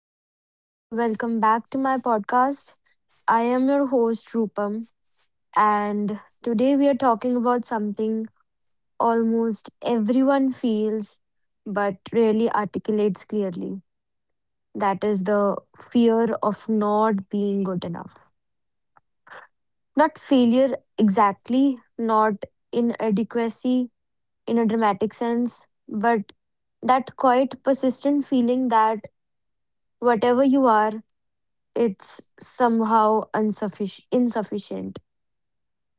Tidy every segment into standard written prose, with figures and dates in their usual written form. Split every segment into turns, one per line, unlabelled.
everyone. Welcome back to my podcast. I am your host, Rupam, and today we are talking about something almost everyone feels but rarely articulates clearly. That is the fear of not being good enough. Not failure exactly, not inadequacy in a dramatic sense, but that quite persistent feeling that whatever you are, it's somehow insufficient.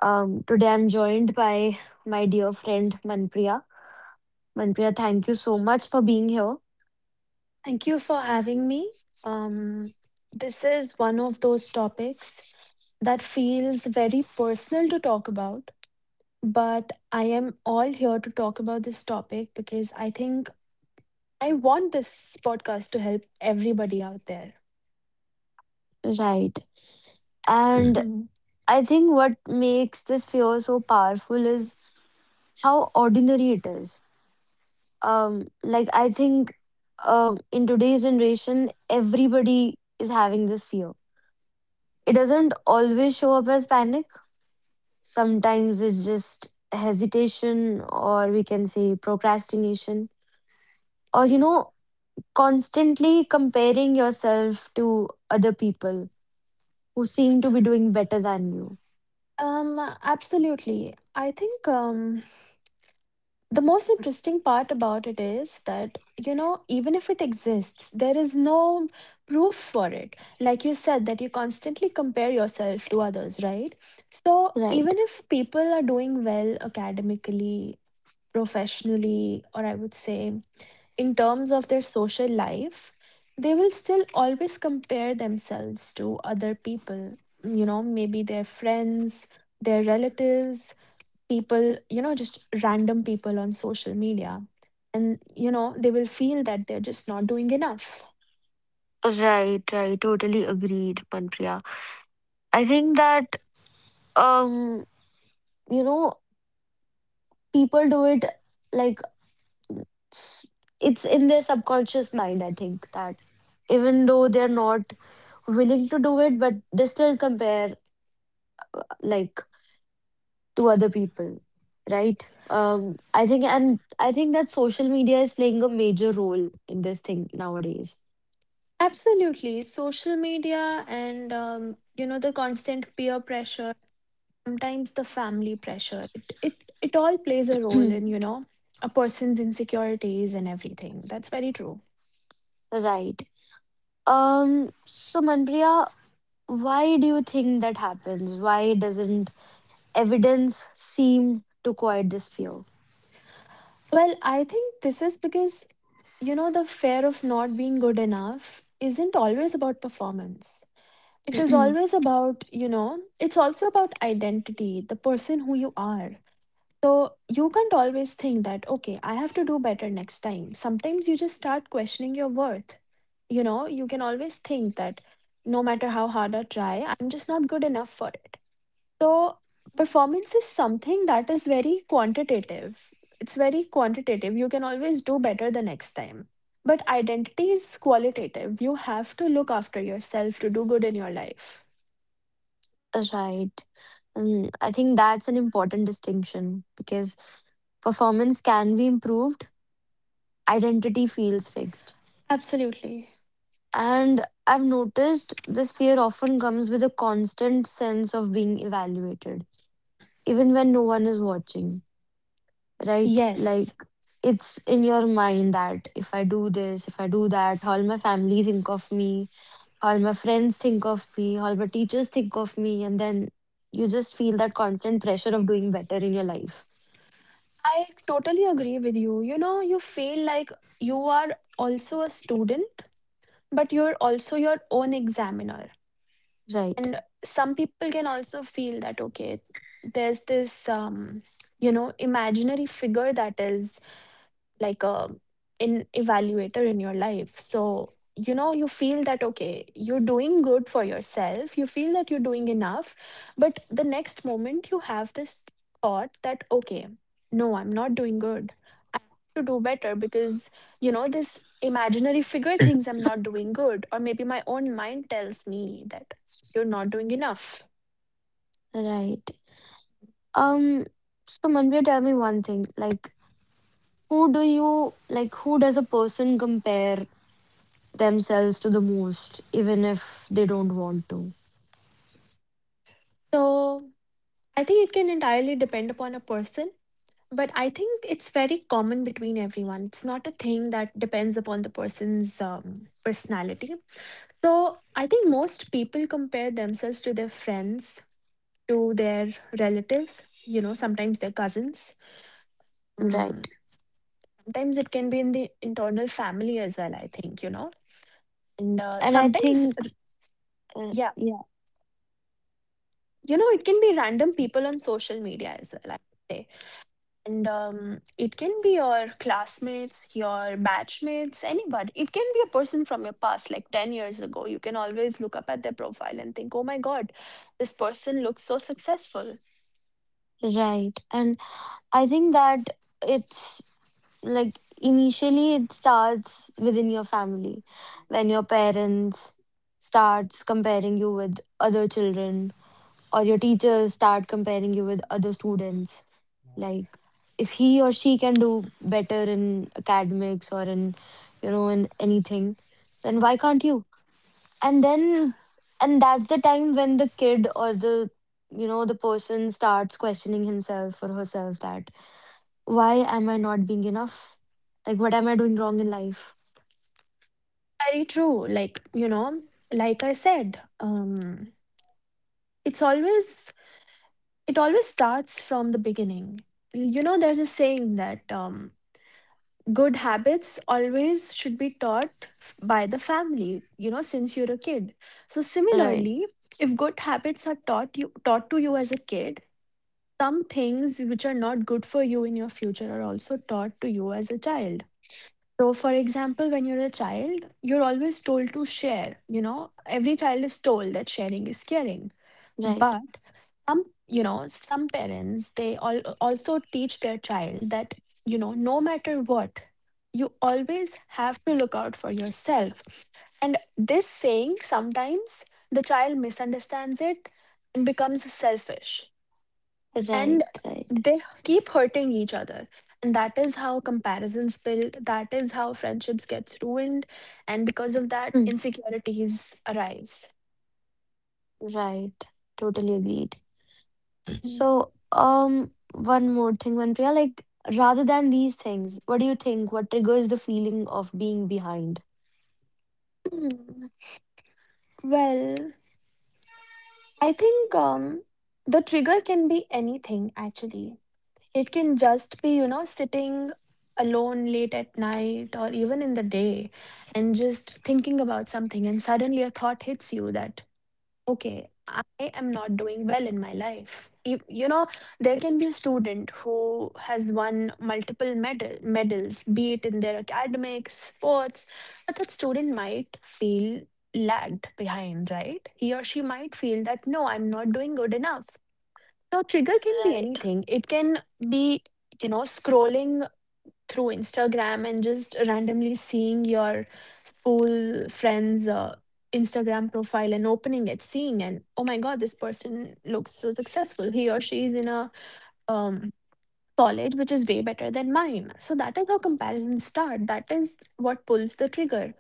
Today I'm joined by my dear friend Manpriya. Manpriya, thank you so much for being here.
Thank you for having me. Um, this is one of those topics that feels very personal to talk about, but I am all here to talk about this topic because I think I want this podcast to help everybody out there.
Right. And I think what makes this fear so powerful is how ordinary it is. Like I think in today's generation, everybody is having this fear. It doesn't always show up as panic. Sometimes it's just hesitation, or we can say procrastination, or constantly comparing yourself to other people who seem to be doing better than you.
Absolutely. I think the most interesting part about it is that, you know, even if it exists, there is no proof for it, like you said, that you constantly compare yourself to others, right? So
Right.
even if people are doing well academically, professionally, or I would say in terms of their social life, they will still always compare themselves to other people, you know, maybe their friends, their relatives, people, you know, just random people on social media. And, you know, they will feel that they're just not doing enough.
Right, right. Totally agreed, Panpriya. I think that um, you know, people do it, like s- it's in their subconscious mind, I think, that even though they're not willing to do it, but they still compare, like, to other people, right? Um i think and I think that social media is playing a major role in this thing nowadays.
Absolutely. Social media and, you know, the constant peer pressure, sometimes the family pressure, it all plays a role in, you know, a person's insecurities and everything. That's very true.
right. Um so Manpriya, why do you think that happens? Why doesn't evidence seem to quiet this fear?
Well, I think this is because, you know, the fear of not being good enough isn't always about performance. It is always about, you know, it's also about identity, the person who you are. So you can't always think that, okay, I have to do better next time. Sometimes you just start questioning your worth. You know, you can always think that no matter how hard I try, I'm just not good enough for it. So performance is something that is very quantitative. It's very quantitative. You can always do better the next time. But identity is qualitative. You have to look after yourself to do good in your life.
right. And I think that's an important distinction, because performance can be improved, identity feels fixed.
Absolutely.
And I've noticed this fear often comes with a constant sense of being evaluated, even when no one is watching, right? Like,
Yes,
it's in your mind that if I do this, if I do that, how will my family think of me? How will my friends think of me? How will my teachers think of me? And then you just feel that constant pressure of doing better in your life.
I totally agree with you. You know, you feel like you are also a student, but you're also your own examiner.
Right,
And some people can also feel that, okay, there's this, you know, imaginary figure that is like a an evaluator in your life. So, you know, you feel that okay, you're doing good for yourself, you feel that you're doing enough, but the next moment you have this thought that okay, no, I'm not doing good. I have to do better because, you know, this imaginary figure thinks I'm not doing good, or maybe my own mind tells me that you're not doing enough.
right. Um, so Manvir, tell me one thing. Like, who do you like? Who does a person compare themselves to the most, even if they don't want to?
So, I think it can entirely depend upon a person. But I think it's very common between everyone. It's not a thing that depends upon the person's personality. So I think most people compare themselves to their friends, to their relatives, you know, sometimes their cousins.
Right.
Mm, sometimes it can be in the internal family as well, I think, you know. And
And I
sometimes,
think,
yeah,
yeah,
you know, it can be random people on social media as well, I would say. And it can be your classmates, your batchmates, anybody. It can be a person from your past, like 10 years ago. You can always look up at their profile and think, oh my God, this person looks so successful.
right. And I think that it's like initially it starts within your family, when your parents starts comparing you with other children, or your teachers start comparing you with other students, like if he or she can do better in academics or in, in anything, then why can't you? And then and that's the time when the kid or the, the person, starts questioning himself or herself that why am I not being enough, like what am I doing wrong in life?
Very true. Like, you know, like I said, it's always, it always starts from the beginning. You know, there's a saying that good habits always should be taught by the family, you know, since you're a kid. So
Right,
similarly, if good habits are taught, you taught to you as a kid, some things which are not good for you in your future are also taught to you as a child. So for example, when you're a child, you're always told to share, you know, every child is told that sharing is caring.
right,
But some, you know, some parents, they all also teach their child that, you know, no matter what, you always have to look out for yourself. And this saying, sometimes the child misunderstands it and becomes selfish. And
right, right.
they keep hurting each other. And that is how comparisons build. That is how friendships gets ruined. And because of that,
Hmm.
insecurities arise.
Right. Totally agreed. So um one more thing, Manpriya, like, rather than these things, what do you think? What triggers the feeling of being behind?
Hmm, well, I think the trigger can be anything, actually. It can just be, you know, sitting alone late at night or even in the day and just thinking about something, and suddenly a thought hits you that okay, I am not doing well in my life. You know, there can be a student who has won multiple medals, be it in their academics, sports, but that student might feel lagged behind, right? He or she might feel that, no, I'm not doing good enough. So, trigger can be
Right.
anything. It can be, you know, scrolling through Instagram and just randomly seeing your school friends' Instagram profile and opening it, seeing and oh my god, this person looks so successful. He or she is in a um, college which is way better than mine. So that is how comparisons start. That is what pulls the trigger.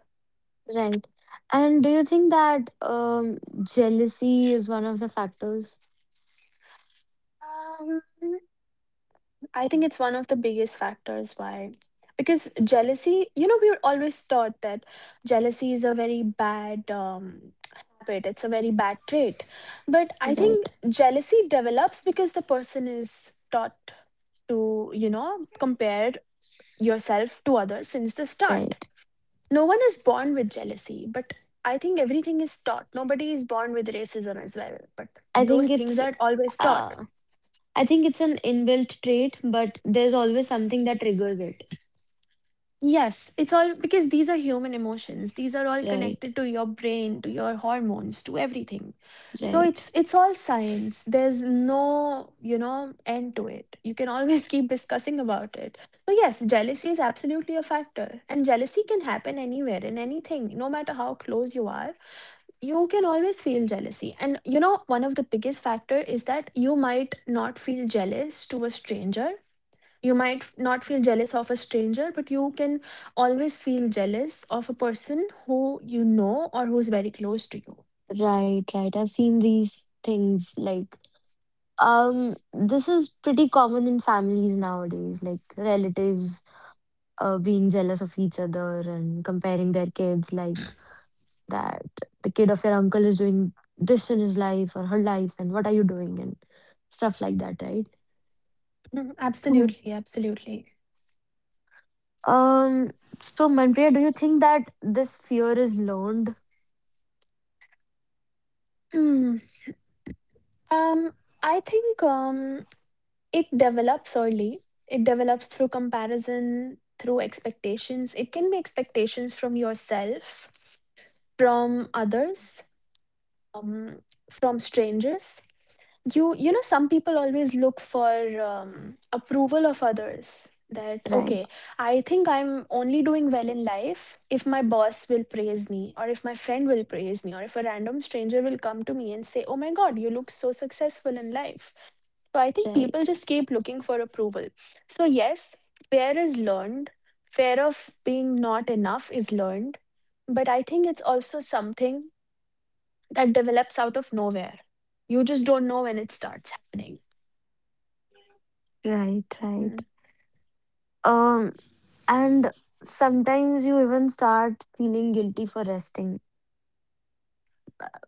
Right. And do you think that jealousy is one of the factors?
Um, I think it's one of the biggest factors why. Because jealousy, you know, we were always taught that jealousy is a very bad habit, it's a very bad trait. But I think
Right.
jealousy develops because the person is taught to, you know, compare yourself to others since the start.
Right.
No one is born with jealousy, but I think everything is taught. Nobody is born with racism as well, but
I
those
think
things
it's
are always taught.
uh, I think it's an inbuilt trait, but there's always something that triggers it.
Yes, it's all because these are human emotions. These are all
Right.
connected to your brain, to your hormones, to everything. So
Right.
it's all science. There's no, you know, end to it. You can always keep discussing about it. So yes, jealousy is absolutely a factor. And jealousy can happen anywhere in anything, no matter how close you are. You can always feel jealousy. And you know, one of the biggest factor is that you might not feel jealous to a stranger, not feel jealous of a stranger, but you can always feel jealous of a person who you know or who's very close to you.
Right. Right. I've seen these things like, this is pretty common in families nowadays, like relatives being jealous of each other and comparing their kids, like that the kid of your uncle is doing this in his life or her life, and what are you doing, and stuff like that, right?
Mhm.
Mhm.
Absolutely, absolutely.
Um, so Mandria, do you think that this fear is learned?
Hmm. Um, I think it develops early. It develops through comparison, through expectations. It can be expectations from yourself, from others, um, from strangers. You know, some people always look for approval of others, that okay,
Right,
I think I'm only doing well in life if my boss will praise me or if my friend will praise me or if a random stranger will come to me and say oh my god, you look so successful in life. So I think people
right,
just keep looking for approval. So yes, fear is learned. Fear of being not enough is learned. But I think it's also something that develops out of nowhere. You just don't know when it starts happening.
right, right.
Mm.
Um, and sometimes you even start feeling guilty for resting.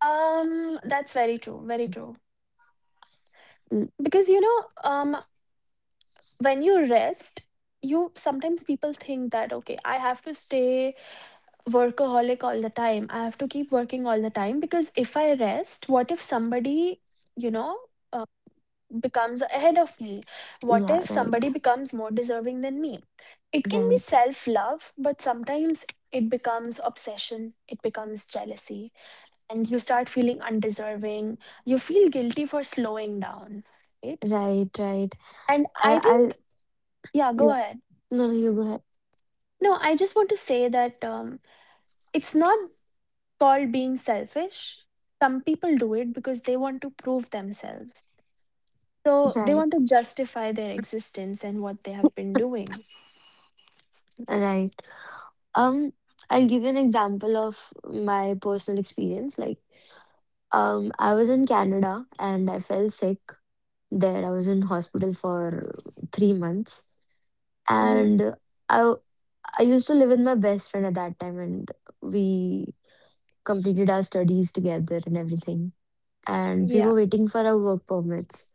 That's very true, very true. Because you know, when you rest, you sometimes people think that okay, I have to stay workaholic all the time. I have to keep working all the time because if I rest, what if somebody, you know, uh, becomes ahead of me?
L-
What
yeah,
if
right.
somebody becomes more deserving than me? It can be
Right,
self-love, but sometimes it becomes obsession, it becomes jealousy. And you start feeling undeserving. You feel guilty for slowing down, right?
right, right.
And I
I'll
think, yeah, go
yeah.
ahead.
No, no, you go ahead.
No, I just want to say that it's not called being selfish. Some people do it because they want to prove themselves. So they
Right,
want to justify their existence and what they have been doing.
right. Um, I'll give you an example of my personal experience. Like, I was in Canada and I fell sick there. I was in hospital for 3 months,
Hmm.
and I I used to live with my best friend at that time, and we completed our studies together and everything. And we
Yeah,
were waiting for our work permits.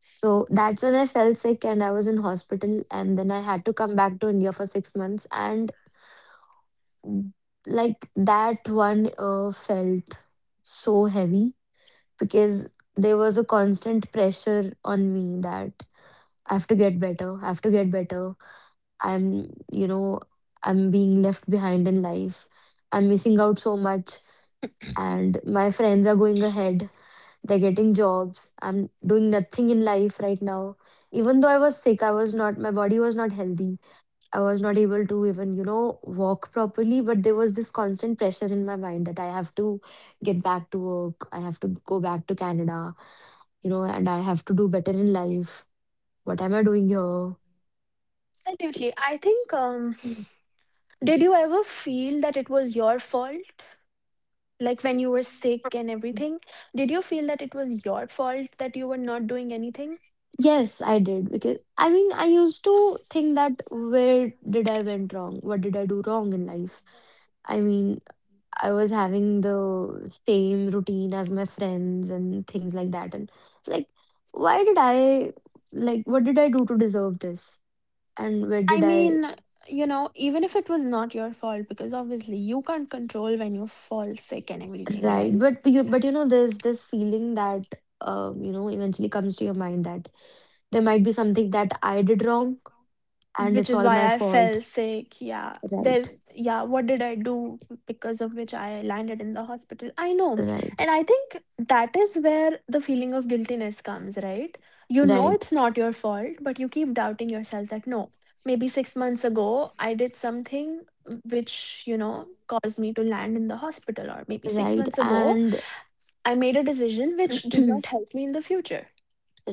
So that's when I fell sick and I was in hospital, and then I had to come back to India for 6 months. And like that one felt so heavy because there was a constant pressure on me that I have to get better, I have to get better. I'm, you know, I'm being left behind in life. I'm missing out so much, and my friends are going ahead. They're getting jobs. I'm doing nothing in life right now. Even though I was sick, I was not, my body was not healthy. I was not able to even, you know, walk properly, but there was this constant pressure in my mind that I have to get back to work, I have to go back to Canada, you know, and I have to do better in life. What am I doing here?
absolutely. I think,
Mm.
did you ever feel that it was your fault? Like when you were sick and everything, did you feel that it was your fault that you were not doing anything?
Yes, I did, because I mean, I used to think that where did I went wrong? What did I do wrong in life? I mean, I was having the same routine as my friends and things like that. And it's like, why did I, like what did I do to deserve this? And where
I
did I,
mean, you know, even if it was not your fault, because obviously you can't control when you fall sick and everything, right?
right? But you know, there's this feeling that, you know, eventually comes to your mind that there might be something that I did wrong, and
Which
it's
is
all my
why I
fault.
felt sick. Yeah, there.
Right.
Yeah, what did I do? Because of which I landed in the hospital. I know,
Right.
and I think that is where the feeling of guiltiness comes. Right? You know
Right.
it's not your fault, but you keep doubting yourself that no, maybe 6 months ago I did something which, you know, caused me to land in the hospital, or maybe six
Right.
months ago
And
I made a decision which did not help me in the future.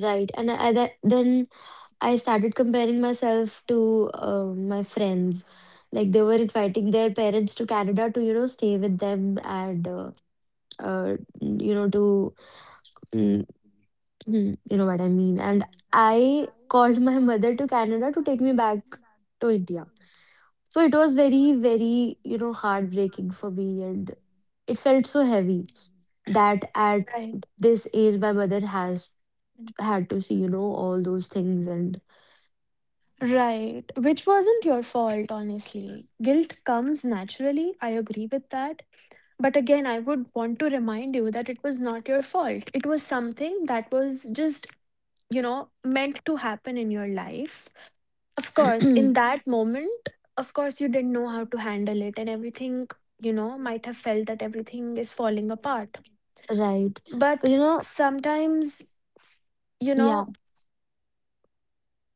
right. And I, that, then I started comparing myself to my friends. Like they were inviting their parents to Canada to, you know, stay with them, and, uh, you know, mm, you know what I mean. And I called my mother to Canada to take me back to India. So it was very, very, you know, heartbreaking for me. And it felt so heavy that at
Right.
this age, my mother has had to see, you know, all those things. And
Right, which wasn't your fault, honestly. Guilt comes naturally, I agree with that. But again, I would want to remind you that it was not your fault. It was something that was just, you know, meant to happen in your life. Of course, in that moment, of course, you didn't know how to handle it, and everything, you know, might have felt that everything is falling apart.
Right. But
But
you know,
sometimes, you
yeah,
know,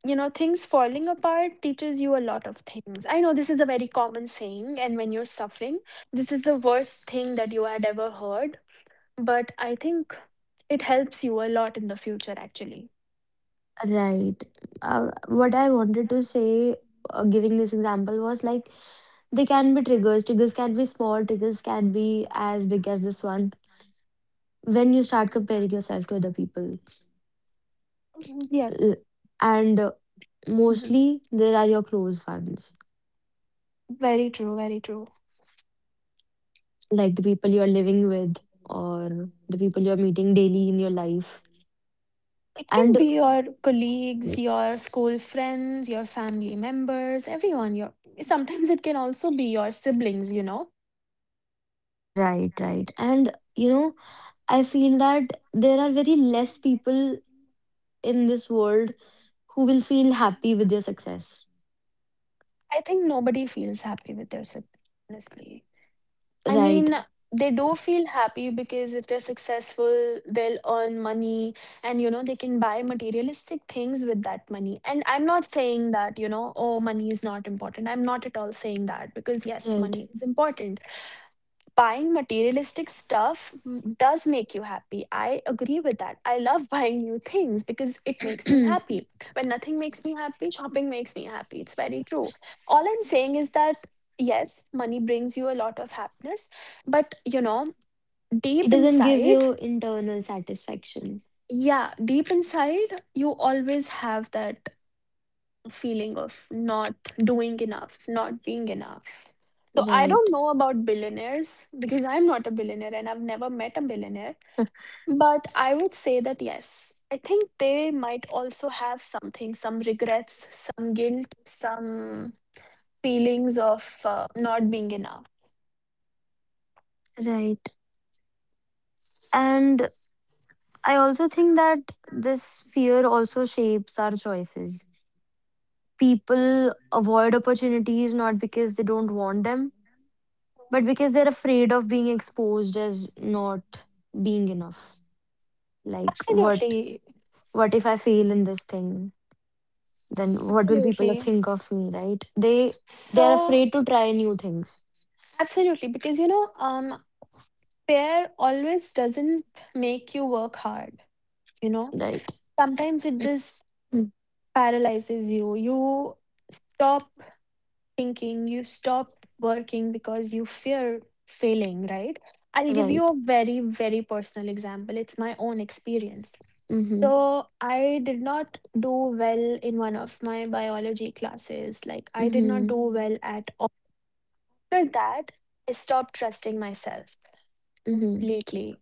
you know, things falling apart teaches you a lot of things. I know this is a very common saying, and when you're suffering, this is the worst thing that you had ever heard. But I think it helps you a lot in the future, actually.
right. What I wanted to say, giving this example, was like they can be triggers. Triggers can be small, triggers can be as big as this one. When you start comparing yourself to other people,
Mm,
L-
yes.
and
Mhm.
mostly there are your close ones,
Very true, very true.
like the people you are living with or the people you're meeting daily in your life.
It can
And
be your colleagues, your school friends, your family members, everyone. Your sometimes it can also be your siblings.
right, right. And you know, I feel that there are very less people in this world who will feel happy with your success.
I think nobody feels happy with their siblings, honestly. I
Right,
mean, they do feel happy because if they're successful, they'll earn money and, they can buy materialistic things with that money. And I'm not saying that, oh, money is not important. I'm not at all saying that because, yes,
right.
money is important. Buying materialistic stuff does make you happy. I agree with that. I love buying new things because it makes me
it
happy. When nothing makes me happy, shopping makes me happy. It's very true. All I'm saying is that yes, money brings you a lot of happiness, but deep
doesn't give
inside,
you internal satisfaction.
yeah, deep inside, you always have that feeling of not doing enough, not being enough. So I
Right,
don't know about billionaires because I'm not a billionaire and I've never met a billionaire. But I would say that yes, I think they might also have something, some regrets, some guilt, some feelings of not being enough.
right. And I also think that this fear also shapes our choices. People avoid opportunities not because they don't want them, but because they're afraid of being exposed as not being enough. Like, what?
Absolutely,
What if I fail in this thing? Then what will people
absolutely.
think of me, right? They are
So,
afraid to try new things,
absolutely, because pair always doesn't make you work hard, you know,
right.
sometimes it just
Mm.
paralyzes you. You stop thinking, you stop working because you fear failing, right? I'll give you
Right.
a very, very personal example. It's my own experience.
Mm-hmm.
So, I did not do well in one of my biology classes. Like, I did not
Mm-hmm.
do well at all. After that, I stopped trusting myself
Mm-hmm.
completely.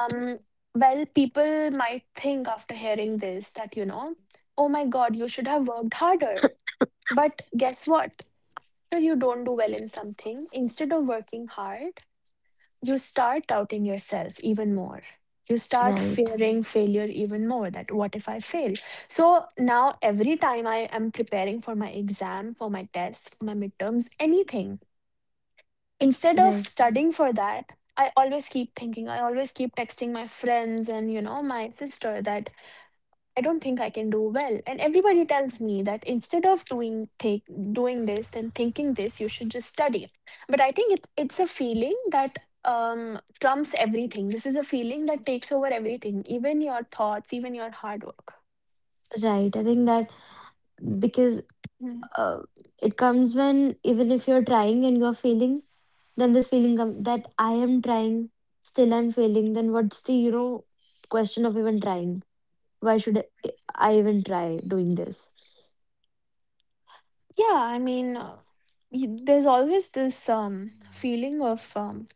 Um, well, people might think after hearing this that, oh my God, you should have worked harder. But guess what? After you don't do well in something, instead of working hard, you start doubting yourself even more. You start
Right,
fearing failure even more that what if I fail? So now every time I am preparing for my exam, for my tests, for my midterms, anything, instead of
right,
studying for that, I always keep thinking, I always keep texting my friends and, my sister that I don't think I can do well. And everybody tells me that instead of doing this and thinking this, you should just study. But I think it's a feeling that trumps everything. This is a feeling that takes over everything, even your thoughts, even your hard work.
right. I think that, because
Mm.
uh, it comes when even if you're trying and you're failing, then this feeling come that I am trying, still I'm failing, then what's the, you know, question of even trying? Why should I even try doing this,
Yeah, I mean, there's always this feeling of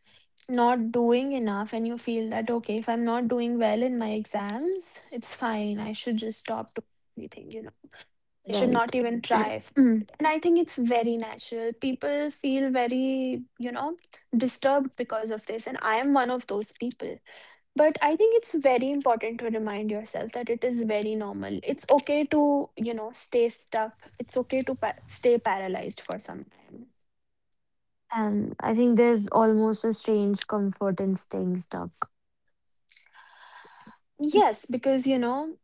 not doing enough, and you feel that, okay, if I'm not doing well in my exams, it's fine. I should just stop doing everything, I should
right?
not even try. And I think it's very natural. People feel very, disturbed because of this. And I am one of those people. But I think it's very important to remind yourself that it is very normal. It's okay to, stay stuck. It's okay to stay paralyzed for some time.
And I think there's almost a strange comfort in staying stuck.
Yes, because,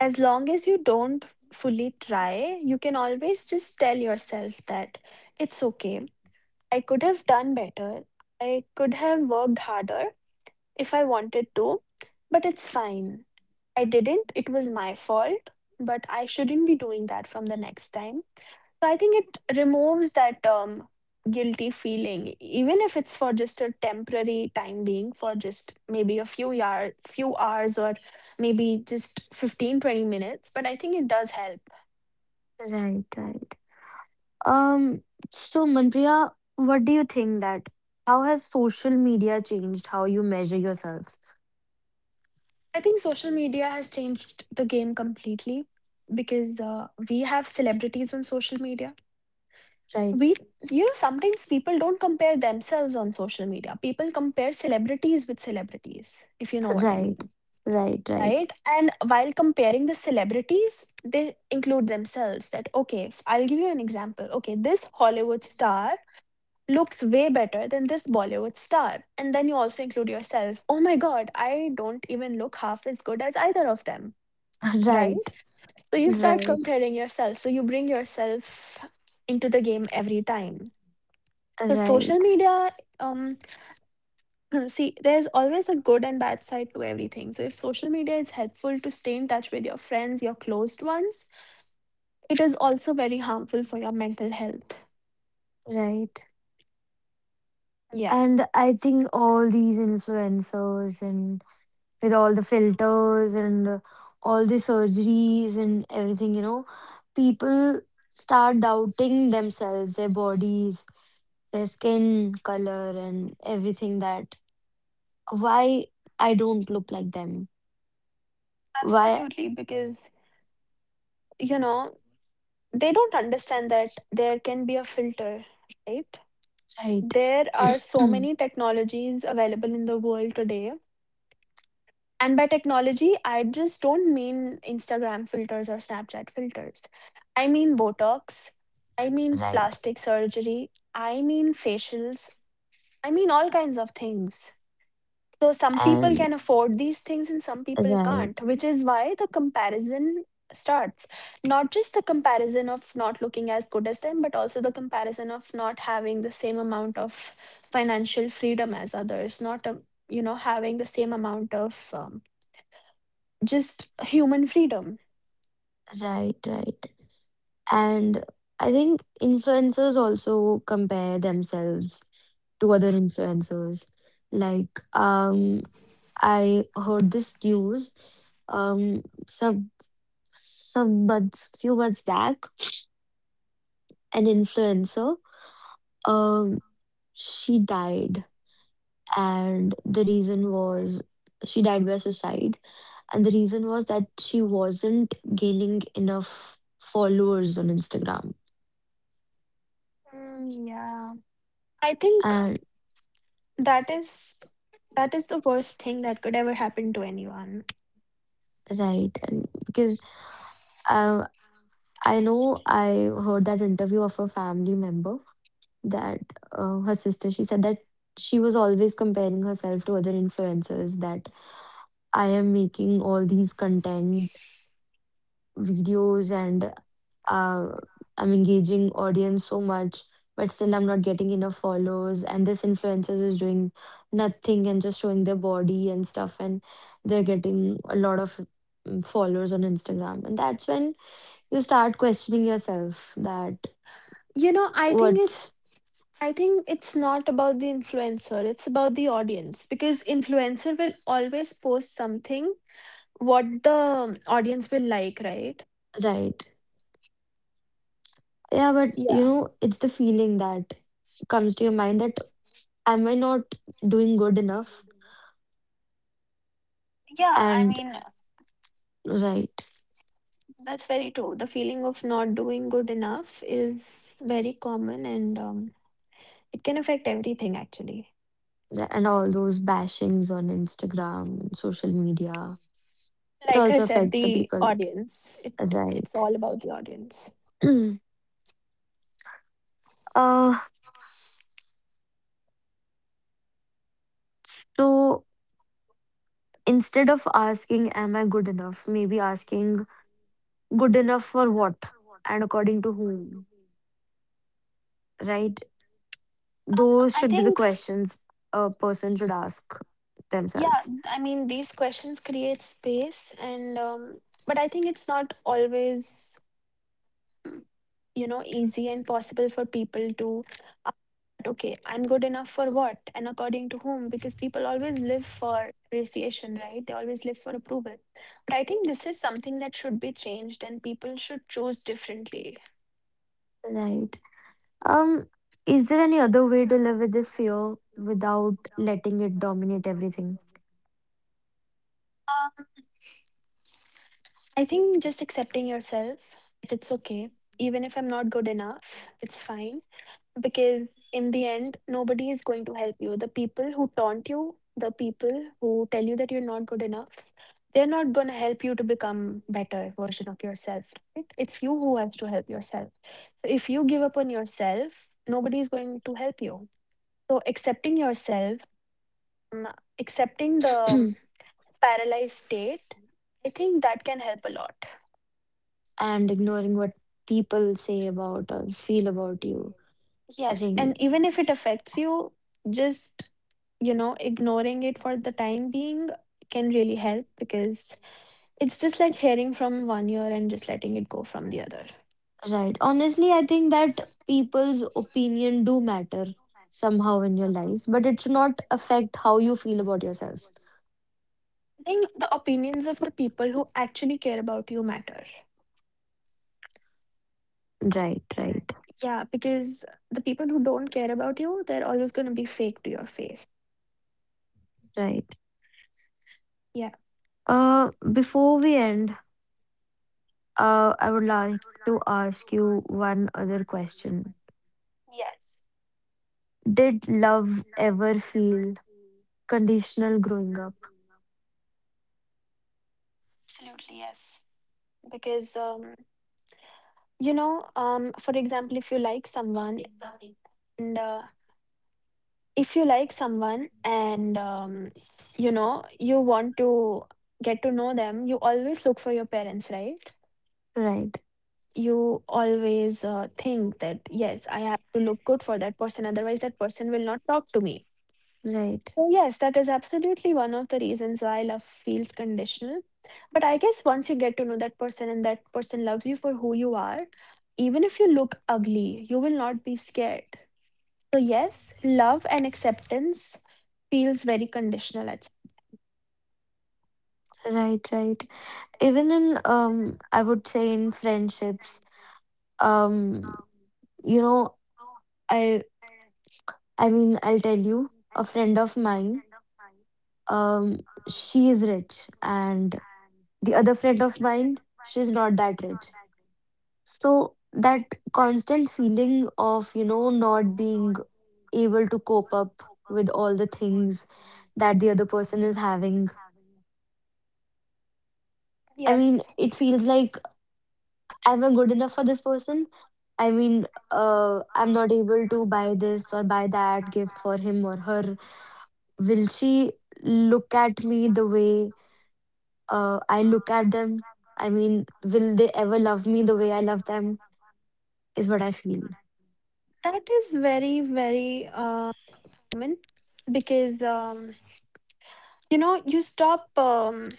as long as you don't fully try, you can always just tell yourself that it's okay. I could have done better. I could have worked harder. If I wanted to, but it's fine. I didn't, it was my fault, but I shouldn't be doing that from the next time. So I think it removes that guilty feeling, even if it's for just a temporary time being, for just maybe a few hours or maybe just 15, 20 minutes. But I think it does help.
Right, right. Um, so Manpriya, what do you think that, how has social media changed how you measure yourself?
I think social media has changed the game completely because we have celebrities on social media.
Right,
We sometimes people don't compare themselves on social media, people compare celebrities with celebrities, if you know what I
right,
mean.
right, right.
Right, and while comparing the celebrities they include themselves that okay, I'll give you an example. Okay, this Hollywood star looks way better than this Bollywood star, and then you also include yourself, oh my God, I don't even look half as good as either of them.
Right,
Right. So you start
right,
comparing yourself, so you bring yourself into the game every time. So social
right,
media, um, see, there's always a good and bad side to everything. So if social media is helpful to stay in touch with your friends, your closed ones, it is also very harmful for your mental health.
right.
Yeah,
And I think all these influencers, and with all the filters and all the surgeries and everything, you know, people start doubting themselves, their bodies, their skin color, and everything, that why I don't look like them, why,
absolutely. Because, you know, they don't understand that there can be a filter, right?
right.
There are so many technologies available in the world today. And by technology, I just don't mean Instagram filters or Snapchat filters. I mean Botox. I mean
right,
plastic surgery. I mean facials. I mean all kinds of things. So some people
and
can afford these things and some people can't,
right,
which is why the comparison starts. Not just the comparison of not looking as good as them, but also the comparison of not having the same amount of financial freedom as others, not, having the same amount of. Just human freedom.
right, right. And I think influencers also compare themselves to other influencers. Like, I heard this news, um some some months, few months back, an influencer, um she died, and the reason was she died by suicide, and the reason was that she wasn't gaining enough followers on Instagram,
Mm, yeah. I think
and
that is, that is the worst thing that could ever happen to anyone.
right, and because uh, I know I heard that interview of a family member, that her sister, she said that she was always comparing herself to other influencers, that I am making all these content videos, and uh, I'm engaging audience so much, but still I'm not getting enough follows, and this influencer is doing nothing and just showing their body and stuff, and they're getting a lot of, followers on Instagram, and that's when you start questioning yourself that
You know, I think it's
what's
I think it's not about the influencer, it's about the audience because influencer will always post something what the audience will like, right?
right. Yeah, but you
Yeah.
know, it's the feeling that comes to your mind that am I not doing good enough?
Yeah, I
And
mean,
right,
that's very true. The feeling of not doing good enough is very common and it can affect everything actually.
and all those bashings on Instagram, social media, it
Like I
also
said,
affects the
the
people,
audience. It's
right?
all about the audience.
uh, so instead of asking, am I good enough? Maybe asking, good enough for what and according to whom, right? Those
I
should be the
think
questions a person should ask
yeah.
themselves,
I mean, these questions create space, and but I think it's not always easy and possible for people to. uh, Okay, I'm good enough for what and according to whom? Because people always live for appreciation, right? They always live for approval. But I think this is something that should be changed, and people should choose differently.
right? Um, is there any other way to live with this fear without letting it dominate everything?
Uh, I think just accepting yourself, that it's okay. Even if I'm not good enough, it's fine. Because in the end, nobody is going to help you. The people who taunt you, the people who tell you that you're not good enough, they're not going to help you to become better version of yourself. Right? It's you who has to help yourself. So if you give up on yourself, nobody is going to help you. So accepting yourself, um, accepting the paralyzed state, I think that can help a lot.
and ignoring what people say about or feel about you? I
Yes,
think
and even if it affects you, just ignoring it for the time being can really help because it's just like hearing from one ear and just letting it go from the other.
right. Honestly, I think that people's opinion do matter somehow in your lives, but it should not affect how you feel about yourself.
I think the opinions of the people who actually care about you matter.
Right, right,
Yeah, because the people who don't care about you, they're always going to be fake to your face.
right.
Yeah.
Before we end, uh, I would like to ask you one other question.
Yes.
Did love ever feel conditional growing up?
Absolutely, yes. Because for example, if you like someone and if you like someone and you want to get to know them, you always look for your parents, right?
Right,
You always think that yes, I have to look good for that person, otherwise that person will not talk to me.
right,
So yes, that is absolutely one of the reasons why love feels conditional. But I guess once you get to know that person and that person loves you for who you are, even if you look ugly, you will not be scared. So yes, love and acceptance feels very conditional at
right, right. Even in, I would say, in friendships, um, you know, I I mean, I'll tell you, a friend of mine, um, she is rich, and the other friend of mine, she's not that rich. So that constant feeling of, you know, not being able to cope up with all the things that the other person is having. I mean,
yes.
it feels like, am I good enough for this person? I mean, I'm not able to buy this or buy that gift for him or her. Will she look at me the way I look at them? I mean, will they ever love me the way I love them? Is what I feel.
That is very very common because you stop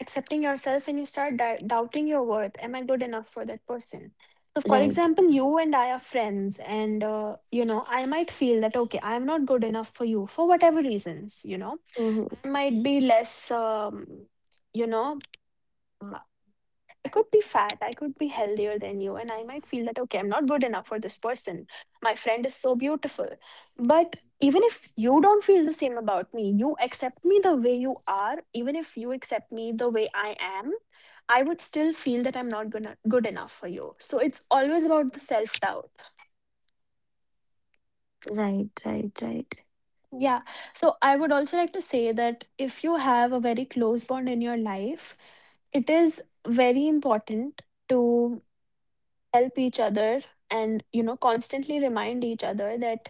accepting yourself and you start doubting your worth. Am I good enough for that person? So for
Right.
example, you and I are friends, and I might feel that okay, I'm not good enough for you for whatever reasons.
Hmm.
I might be less. You know. I could be fat, I could be healthier than you, and I might feel that, okay, I'm not good enough for this person. My friend is so beautiful. But even if you don't feel the same about me, you accept me the way you are, even if you accept me the way I am, I would still feel that I'm not gonna, good enough for you. So it's always about the self doubt.
Right, right, right.
Yeah. So I would also like to say that if you have a very close bond in your life, it is very important to. Help each other and constantly remind each other that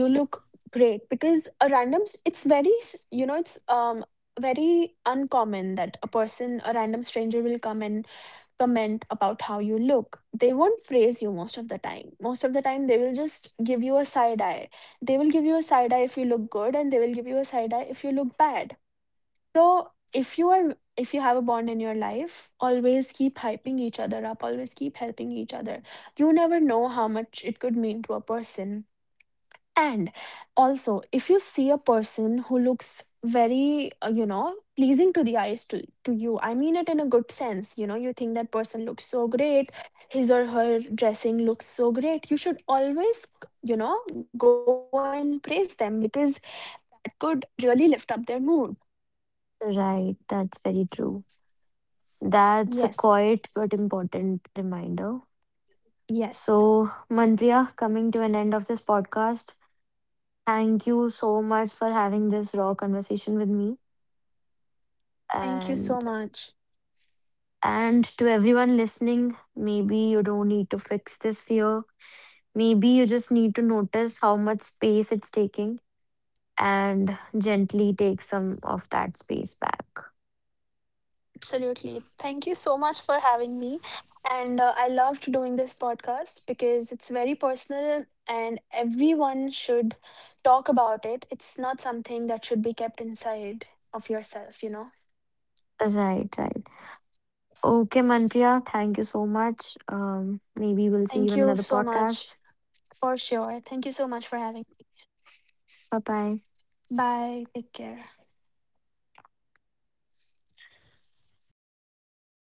you look great, because a it's it's very uncommon that a random stranger will come and comment about how you look. They won't praise you most of the time, most of the time they will just give you a side eye. They will give you a side eye if you look good and they will give you a side eye if you look bad. So if you are if you have a bond in your life, always keep hyping each other up, always keep helping each other. You never know how much it could mean to a person. And also, if you see a person who looks very, pleasing to the eyes to you, I mean it in a good sense, you think that person looks so great, his or her dressing looks so great, you should always, go and praise them because it could really lift up their mood.
Right, that's very true.
Yes,
That's a quiet but important reminder.
yes.
So, Manpriya, coming to an end of this podcast, thank you so much for having this raw conversation with me.
Thank you so
And
much.
and to everyone listening, maybe you don't need to fix this fear. Maybe you just need to notice how much space it's taking and gently take some of that space back.
Absolutely. Thank you so much for having me. And I loved doing this podcast because it's very personal and everyone should talk about it. It's not something that should be kept inside of yourself, you know?
Right, right. Okay, Manpriya, thank you so much. Maybe we'll see you
Thank
in
you
another
so much
podcast.
for sure. Thank you so much for having
Bye bye.
me. Bye. Take care.
Gosh.